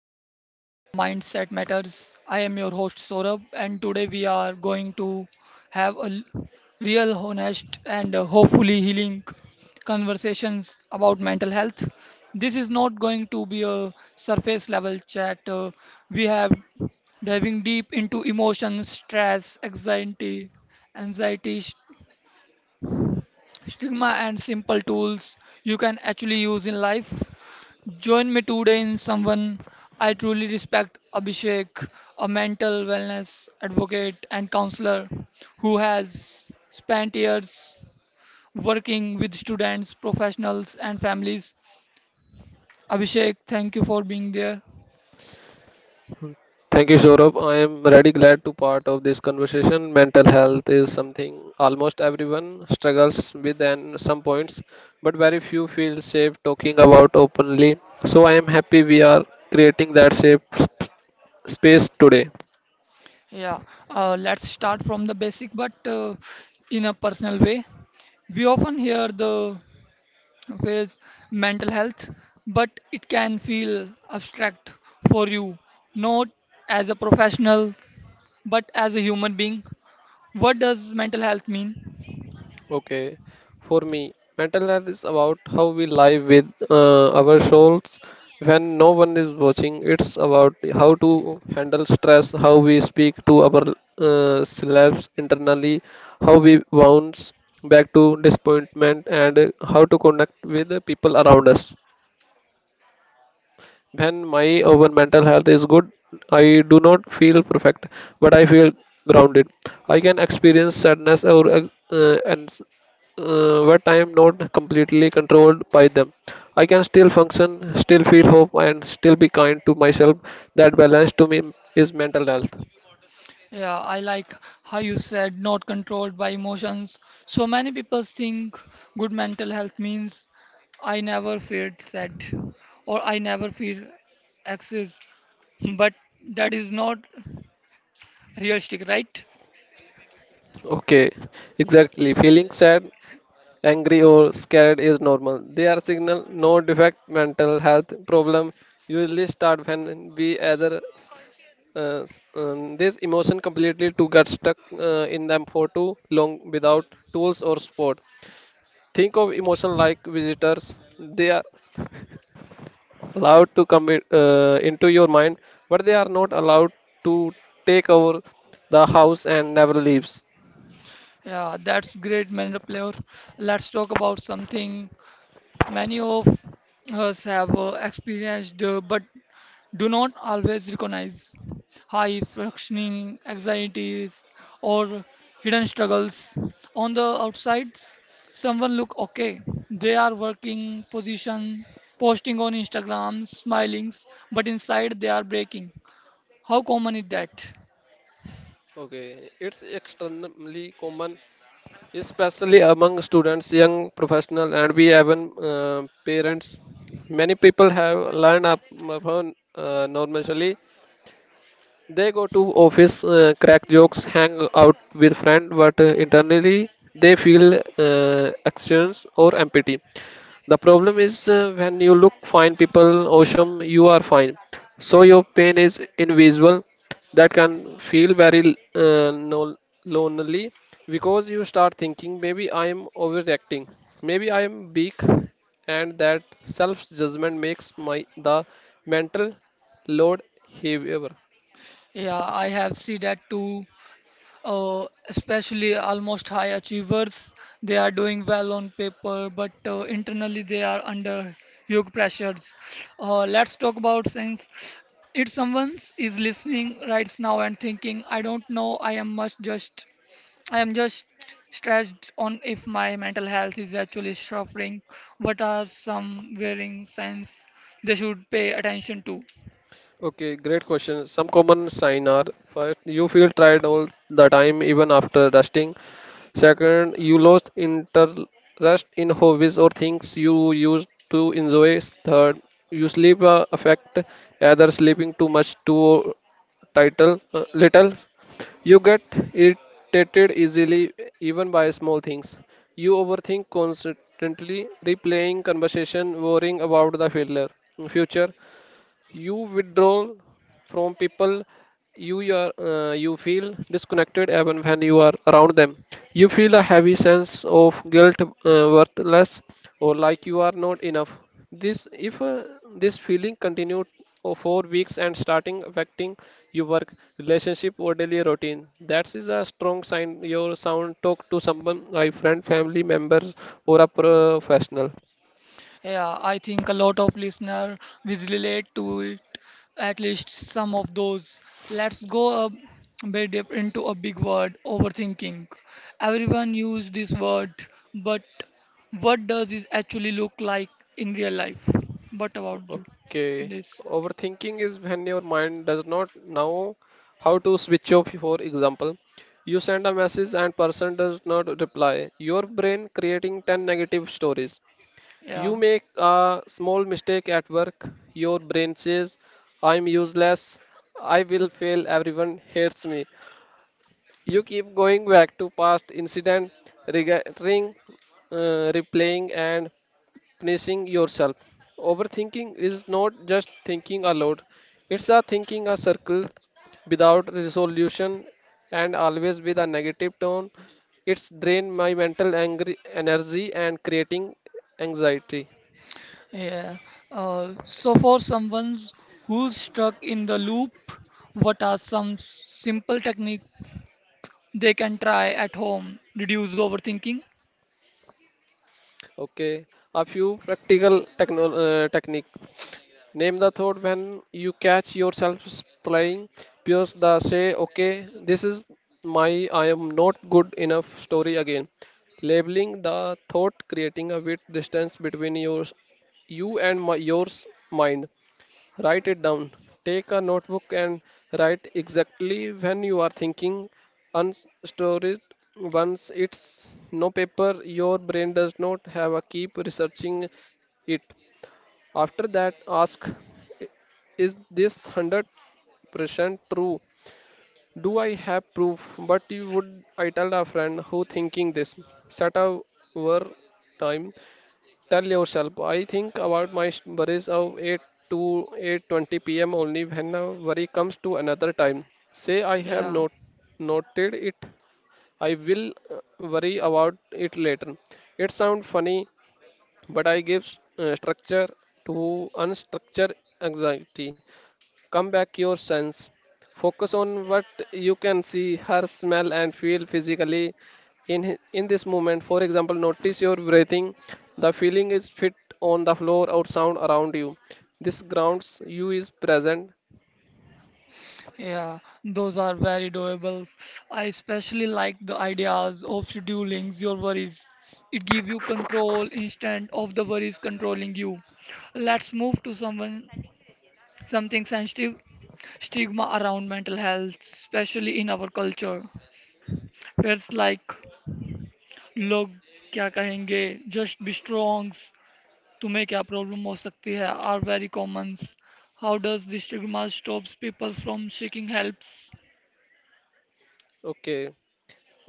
to Mindset Matters. I am your host Saurabh, and today we are going to have real, honest, and hopefully healing conversations about mental health. This is not going to be a surface level chat. We have diving deep into emotions, stress, anxiety stigma and simple tools you can actually use in life. Join me today in someone I truly respect, Abhishek, a mental wellness advocate and counselor who has spent years working with students, professionals, and families. Abhishek, thank you for being there. Thank you, Saurabh. I am really glad to part of this conversation. Mental health is something almost everyone struggles with and some points, but very few feel safe talking about openly. So I am happy we are creating that safe sp- space today. Yeah, let's start from the basic but in a personal way. We often hear the with mental health, but it can feel abstract for you, not as a professional, but as a human being. What does mental health mean? Okay, for me, mental health is about how we live with our souls when no one is watching. It's about how to handle stress, how we speak to our selves internally, how we bounce back to disappointment, and how to connect with the people around us. When my own mental health is good, I do not feel perfect, but I feel grounded. I can experience sadness or and but I am not completely controlled by them. I can still function, still feel hope, and still be kind to myself. That balance to me is mental health. Yeah, I like how you said not controlled by emotions. So many people think good mental health means I never feel sad or I never feel anxious, but that is not realistic, right? Okay, exactly. Feeling sad, angry, or scared is normal. They are signal, no defect. Mental health problem usually start when we either this emotion completely to get stuck in them for too long without tools or support. Think of emotion like visitors. They are allowed to come into your mind, but they are not allowed to take over the house and never leaves. Yeah, that's great, Mahendra player. Let's talk about something many of us have experienced but do not always recognize high functioning anxieties or hidden struggles. On the outsides, someone look okay. They are working position, posting on Instagram, smiling, but inside they are breaking. How common is that? Okay, it's extremely common, especially among students, young professionals, and we even parents. Many people have learned up upon normally they go to office, crack jokes, hang out with friends, but internally they feel actions or empty. The problem is when you look fine people, awesome, you are fine. So your pain is invisible. That can feel very lonely because you start thinking maybe I am overreacting, maybe I am weak, and that self judgment makes my the mental load heavier. Yeah, I have seen that too. Especially almost high achievers. They are doing well on paper, but internally they are under huge pressures. Let's talk about things. If someone is listening right now and thinking, I don't know, I am just stressed on if my mental health is actually suffering. What are some worrying signs they should pay attention to? Okay, great question. Some common signs are first, you feel tired all the time even after resting. Second, you lost interest in hobbies or things you used to enjoy. Third, you sleep affect either sleeping too much too title little. You get irritated easily even by small things. You overthink constantly, replaying conversation, worrying about the failure future. You withdraw from people you are you feel disconnected even when you are around them. You feel a heavy sense of guilt, worthless, or like you are not enough. This if this feeling continued for 4 weeks and starting affecting your work, relationship, or daily routine, that is a strong sign. Your sound talk to someone, like friend, family member, or a professional. Yeah, I think a lot of listener will relate to it, at least some of those. Let's go a bit deep into a big word, overthinking. Everyone use this word, but what does this actually look like in real life? What about you? Okay. This, Overthinking is when your mind does not know how to switch off. For example, you send a message and person does not reply. Your brain creating 10 negative stories. yeah, You make a small mistake at work. Your brain says, I'm useless. I will fail. Everyone hates me. You keep going back to past incident, regretting, replaying, and punishing yourself. Overthinking is not just thinking aloud; it's a thinking a circle without resolution and always with a negative tone. It's drain my mental angry energy and creating anxiety. yeah. So for someone who's stuck in the loop, what are some simple techniques they can try at home? Reduce overthinking. Okay, a few practical technique. Name the thought when you catch yourself playing Pierce the say, okay, this is my I am not good enough story again. Labeling the thought, creating a bit distance between yours, you and my, yours mind. Write it down. Take a notebook and write exactly when you are thinking. Unstore it once it's no paper. Your brain does not have a keep researching it. After that, ask is this 100% true? Do I have proof? But you would I tell a friend who thinking this. Set a war time. Tell yourself, I think about my worries of 8 to 8:20 pm only when a worry comes to another time. Say I have Yeah, not noted it. I will worry about it later. It sounds funny, but I give structure to unstructured anxiety. Come back your sense. Focus on what you can see, hear, smell, and feel physically in this moment. For example, notice your breathing, the feeling is fit on the floor or sound around you. This grounds you is present. yeah, those are very doable. I especially like the ideas of scheduling your worries. It gives you control instead of the worries controlling you. Let's move to someone something sensitive stigma around mental health, especially in our culture, where it's like log क्या कहेंगे, just be strong, तुम्हें क्या problem हो सकती है, are very common. How does this stigma stops people from seeking helps? Okay.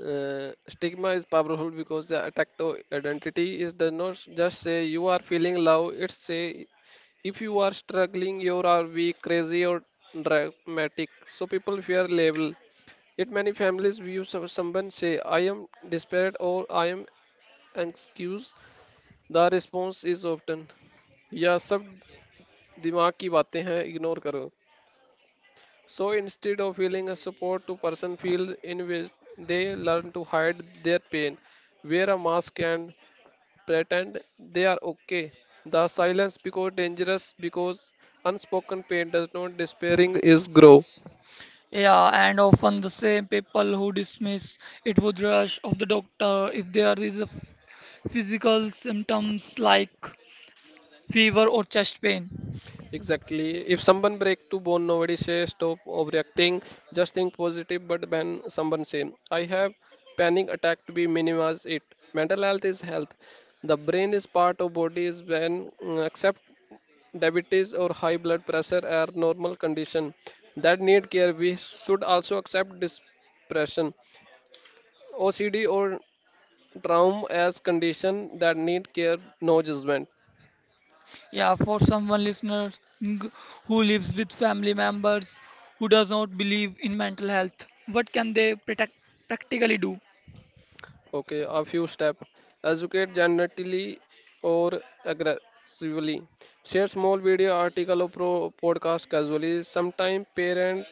Stigma is powerful because the attack to identity is the not just say you are feeling love. It's say if you are struggling, you are weak, crazy, or dramatic. So people fear label. Yet many families view someone say I am desperate or I am anxious. The response is often या सब दिमाग की बातें हैं ignore करो. So instead of feeling a support to person feel in which they learn to hide their pain, wear a mask and pretend they are okay. The silence because dangerous because unspoken pain does not despairing is grow. Yeah, and often the same people who dismiss it would rush of the doctor if there is physical symptoms like fever or chest pain. Exactly. If someone break to bone, nobody say stop overreacting. Just think positive. But when someone say I have panic attack to be minimize it. Mental health is health. The brain is part of body is when accept diabetes or high blood pressure are normal condition that need care. We should also accept depression, OCD or trauma as condition that need care, no judgment. Yeah, for someone listener ng- who lives with family members who does not believe in mental health, what can they protect, practically do? Okay, a few steps. Educate gently or aggressively. Share small video article or podcast casually. Sometimes parents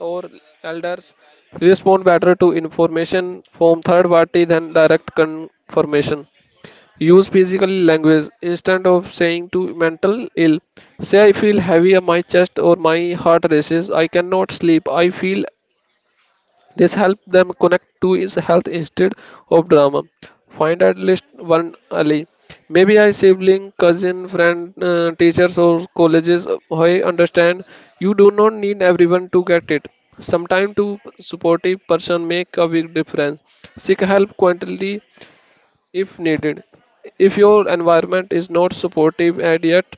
or elders respond better to information from third party than direct confirmation. Use physical language instead of saying to mental ill. Say I feel heavy on my chest or my heart races. I cannot sleep. I feel this help them connect to his health instead of drama. Find at least one ally. Maybe I sibling, cousin, friend, teachers or colleges. I understand you do not need everyone to get it. Sometimes to supportive person make a big difference. Seek help quietly if needed. If your environment is not supportive and yet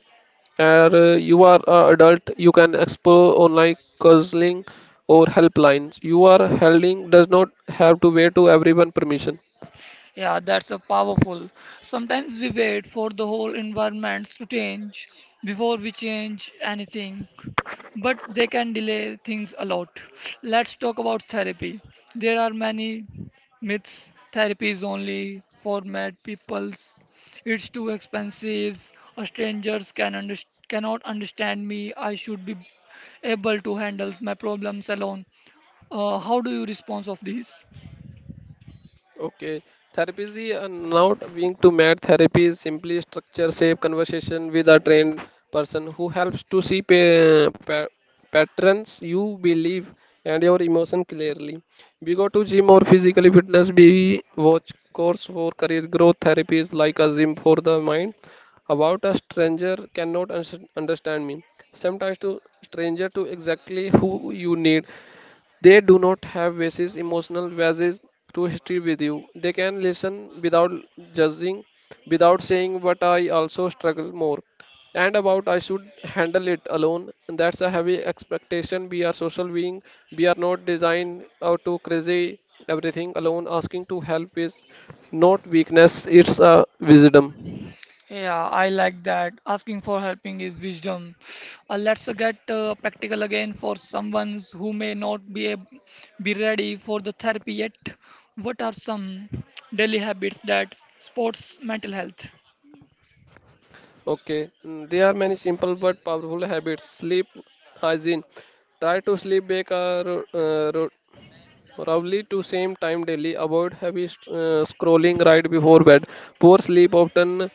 you are an adult, you can explore online counseling or helplines. You are helping does not have to wait to everyone permission. Yeah, that's a powerful. Sometimes we wait for the whole environments to change before we change anything, but they can delay things a lot. Let's talk about therapy. There are many myths. Therapy is only for mad peoples. It's too expensive. A strangers cannot understand me. I should be able to handle my problems alone. How do you respond of these? Okay, therapy is not being to mad. Therapy is simply structure, safe conversation with a trained person who helps to see patterns you believe and your emotion clearly. We go to gym or physical fitness. We watch course for career growth. Therapy is like a gym for the mind. About a stranger cannot understand me. Sometimes to stranger to exactly who you need. They do not have basis, emotional basis to history with you. They can listen without judging, without saying, but I also struggle more. And about I should handle it alone. And that's a heavy expectation. We are social being. We are not designed out to crazy everything alone. Asking to help is not weakness, it's a wisdom. Yeah, I like that. Asking for helping is wisdom. Let's get practical again for someone who may not be ready for the therapy yet. What are some daily habits that supports mental health? Okay, there are many simple but powerful habits. Sleep hygiene. Try to sleep back a ro- ro- probably to same time daily, avoid heavy scrolling right before bed. Poor sleep often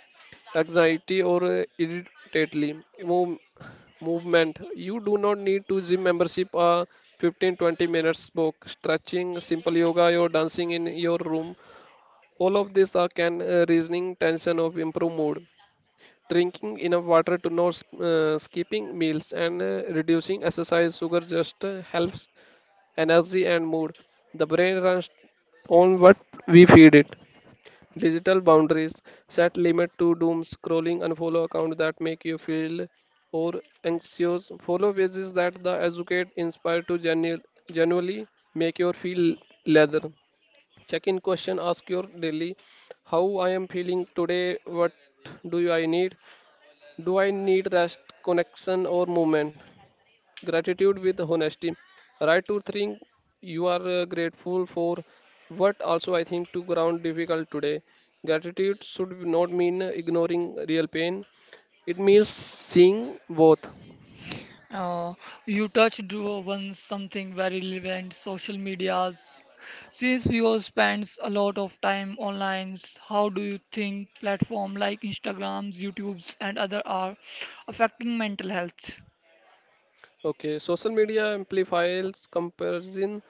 anxiety or irritately. Movement. You do not need to gym membership. A 15-20 minutes walk, stretching, simple yoga, or dancing in your room. All of this are can reasoning tension of improve mood. Drinking enough water to not skipping meals and reducing exercise sugar just helps energy, and mood. The brain runs on what we feed it. Digital boundaries set limit to doom scrolling and follow accounts that make you feel or anxious. Follow pages that the educate inspire to genuinely make you feel leather. Check in question ask your daily how I am feeling today, what do I need? Do I need rest, connection, or movement? Gratitude with honesty. Write to think you are grateful for, but also I think to ground difficult today. Gratitude should not mean ignoring real pain. It means seeing both. Uh, you touched on something very relevant, social medias. Since we all spends a lot of time online, how do you think platform like Instagrams, YouTubes, and other are affecting mental health? Okay, social media amplifies comparison.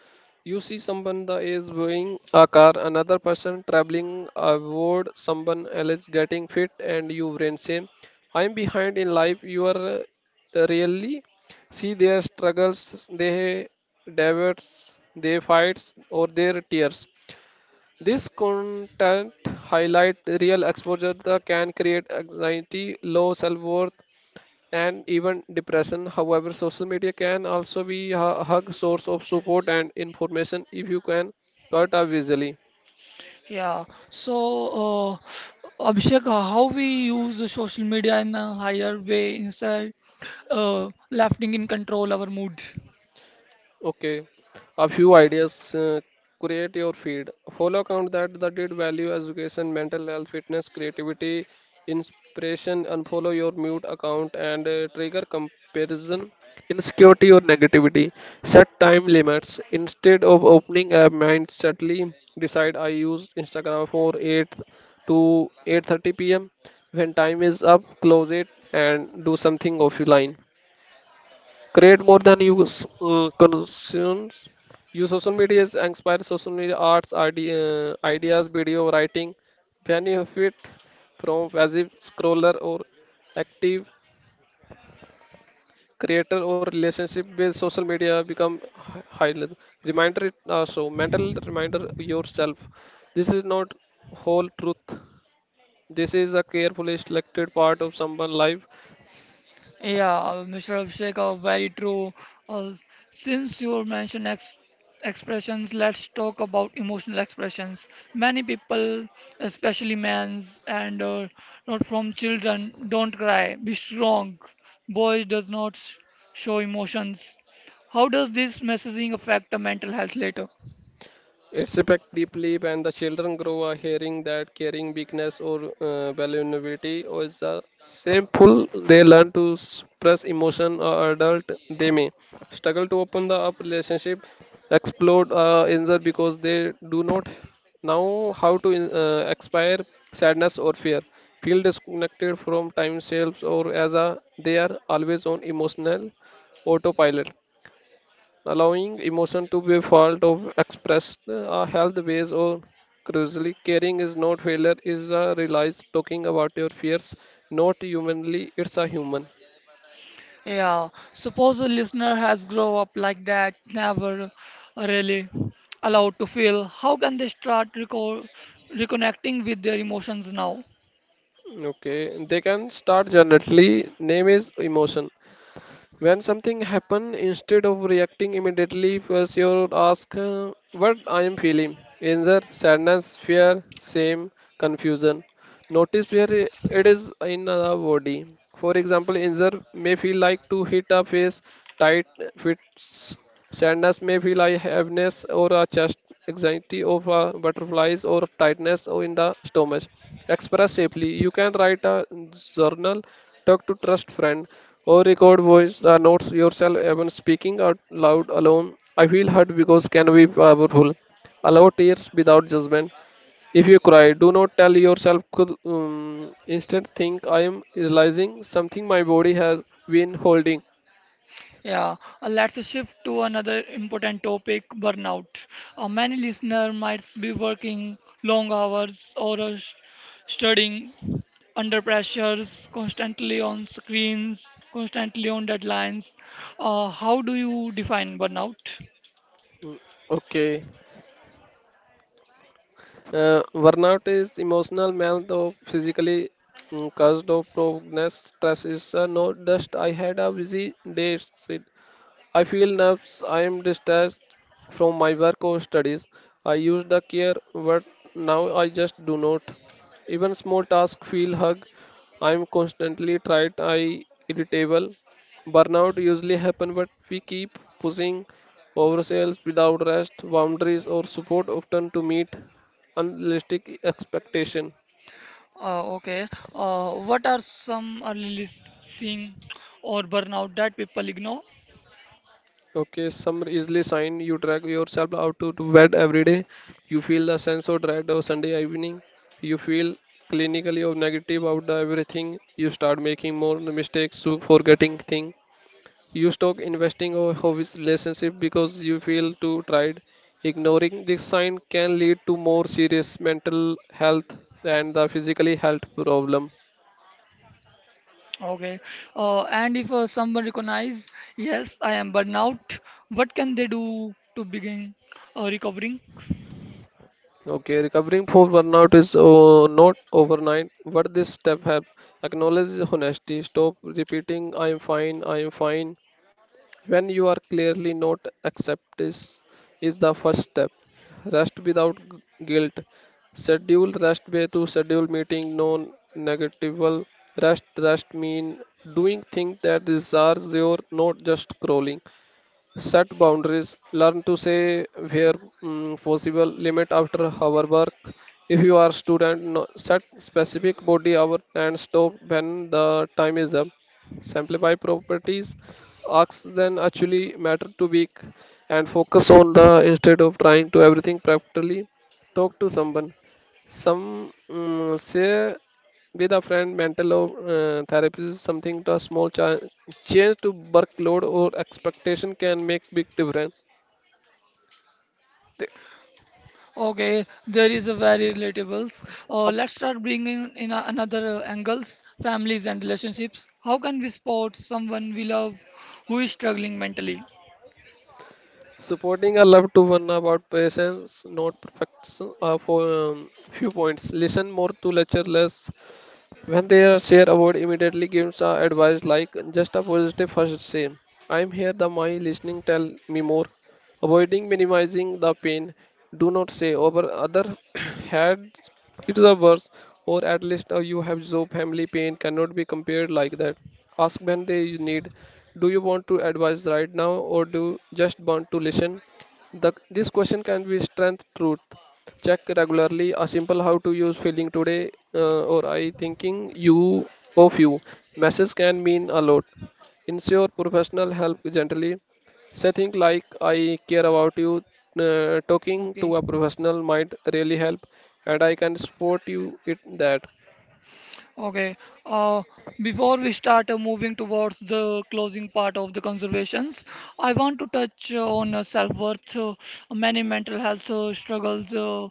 You see someone the is buying a car, another person traveling abroad, someone else getting fit, and you brain say, I'm behind in life. You are really see their struggles, their debates, their fights, or their tears. This content highlight real exposure that can create anxiety, low self-worth, and even depression. However, social media can also be a hug source of support and information if you can cut out visually. Yeah. So, uh, Abhishek, how we use the social media in a higher way inside, lefting in control our mood. Okay, a few ideas. Create your feed. Follow account that did value education, mental health, fitness, creativity, inspiration. Unfollow your mute account and trigger comparison, insecurity or negativity. Set time limits instead of opening a mind suddenly. Decide I use Instagram for 8 to 8:30 p.m. When time is up, close it and do something offline. Create more than you consumes. Use social media is inspire social media arts ideas video writing benefit from passive scroller or active creator or relationship with social media become high level reminder it also mental reminder yourself this is not whole truth this is a carefully selected part of someone's life. Yeah, Mr. Abhishek, very true. Uh, since you mentioned ex expressions, let's talk about emotional expressions. Many people, especially men's and not from children, don't cry. Be strong. Boys does not show emotions. How does this messaging affect the mental health later? It's affect deeply when the children grow up hearing that caring, weakness, or vulnerability is a shameful. They learn to suppress emotion. Or adult, they may struggle to open the up relationship, explode injure because they do not know how to expire sadness or fear. Feel disconnected from time selves or as a they are always on emotional autopilot allowing emotion to be felt or expressed health ways or crucially caring is not failure is a realize talking about your fears not humanly it's a human. Yeah, suppose a listener has grown up like that, never really allowed to feel. How can they start reconnecting with their emotions now? Okay, they can start generally name is emotion. When something happen, instead of reacting immediately, first you ask what I am feeling. Anger, sadness, fear, shame, confusion. Notice where it is in the body. For example, anger may feel like to hit a face, tight fits. Sadness may feel like heaviness or a chest anxiety or butterflies or tightness or in the stomach. Express safely. You can write a journal, talk to trust friend, or record voice notes yourself even speaking out loud alone. I feel hurt because can be powerful. Allow tears without judgment. If you cry, do not tell yourself. Could instead think I am realizing something my body has been holding. Yeah, let's shift to another important topic, burnout. Many listener might be working long hours or studying under pressures, constantly on screens, constantly on deadlines. How do you define burnout? Mm. Okay. Burnout is emotional mental or physically caused of progress stress is not just I had a busy day. Sid. I feel nerves. I am detached from my work or studies. I used to care, but now I just do not. Even small tasks feel hug. I am constantly tired. I irritable. Burnout usually happen, but we keep pushing ourselves without rest, boundaries or support often to meet unrealistic expectation. Okay. What are some early listing or burnout that people ignore? Okay, some easily sign you drag yourself out to bed every day. You feel the sense of dread of Sunday evening. You feel clinically of negative about the everything. You start making more mistakes to forgetting thing. You stop investing or hobbies relationship because you feel too tired. Ignoring this sign can lead to more serious mental health and the physically health problem. Okay. And if someone recognize, yes, I am burnout, what can they do to begin recovering? Okay, recovering from burnout is not overnight. What this step help acknowledge honesty. Stop repeating I am fine" when you are clearly not accept is the first step. Rest without guilt. Schedule rest way to schedule meeting non-negatable. Rest mean doing things that desires your not just scrolling set boundaries learn to say where possible limit after our work if you are student no, set specific body hour and stop when the time is up simplify properties asks then actually matter to week and focus on the instead of trying to everything practically talk to someone some say with a friend, mental therapy is something to a small change to workload or expectation can make big difference. The, Okay, there is a very relatable. Uh, up, let's start bringing in a, another angles, families and relationships. How can we support someone we love who is struggling mentally? supporting a loved one about patience, not perfection, for few points. Listen more to lecture less. When they are share about immediately gives a advice like just a positive first say. I'm here the my listening tell me more. Avoiding minimizing the pain. Do not say over other had it's the worse or at least you have so family pain cannot be compared like that. Ask when they you need. Do you want to advise right now or do you just want to listen? This question can be strength truth check regularly a simple how to use feeling today or I thinking you of you message can mean a lot ensure professional help gently say things like I care about you. Talking to Okay. a professional might really help and I can support you in that. Okay. Uh, Before we start moving towards the closing part of the conservations, I want to touch on self-worth. Many mental health struggles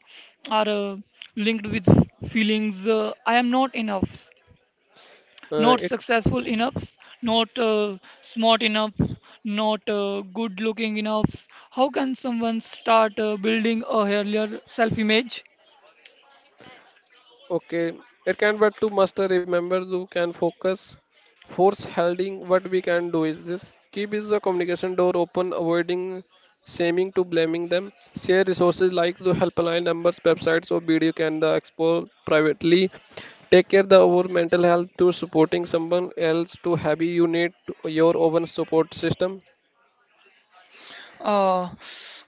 are linked with feelings. I am not enough, not It successful enough, not smart enough, not good looking enough. How can someone start building a healthier self-image? Okay, it can but to master remember you can focus force holding what we can do is this keep is the communication door open avoiding shaming to blaming them share resources like the helpline numbers websites or video can the explore privately take care the our mental health to supporting someone else to have you need your own support system. Uh,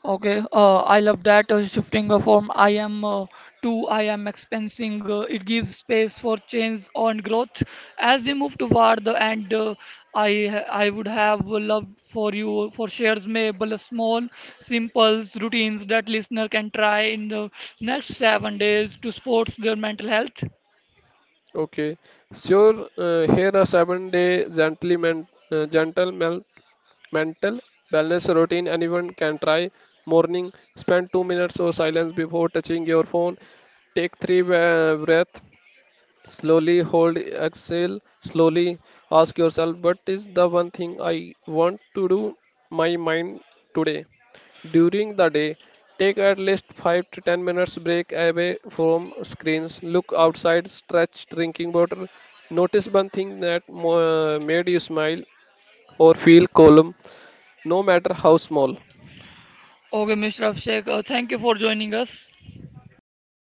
okay. I love that shifting from I am to I am expensing. It gives space for change and growth. As we move toward the end, I would have loved for you for shares maybe small, simple routines that listener can try in the next 7 days to support their mental health. Okay. Sure. Here a seven-day gentle mental wellness routine anyone can try. Morning, spend 2 minutes of silence before touching your phone. Take three breaths. Slowly hold, exhale, slowly ask yourself, what is the one thing I want to do my mind today? During the day, take at least 5 to 10 minutes break away from screens. Look outside, stretch, drinking water. Notice one thing that made you smile or feel calm, no matter how small. Okay, Mr. Abhishek, thank you for joining us. Okay, thank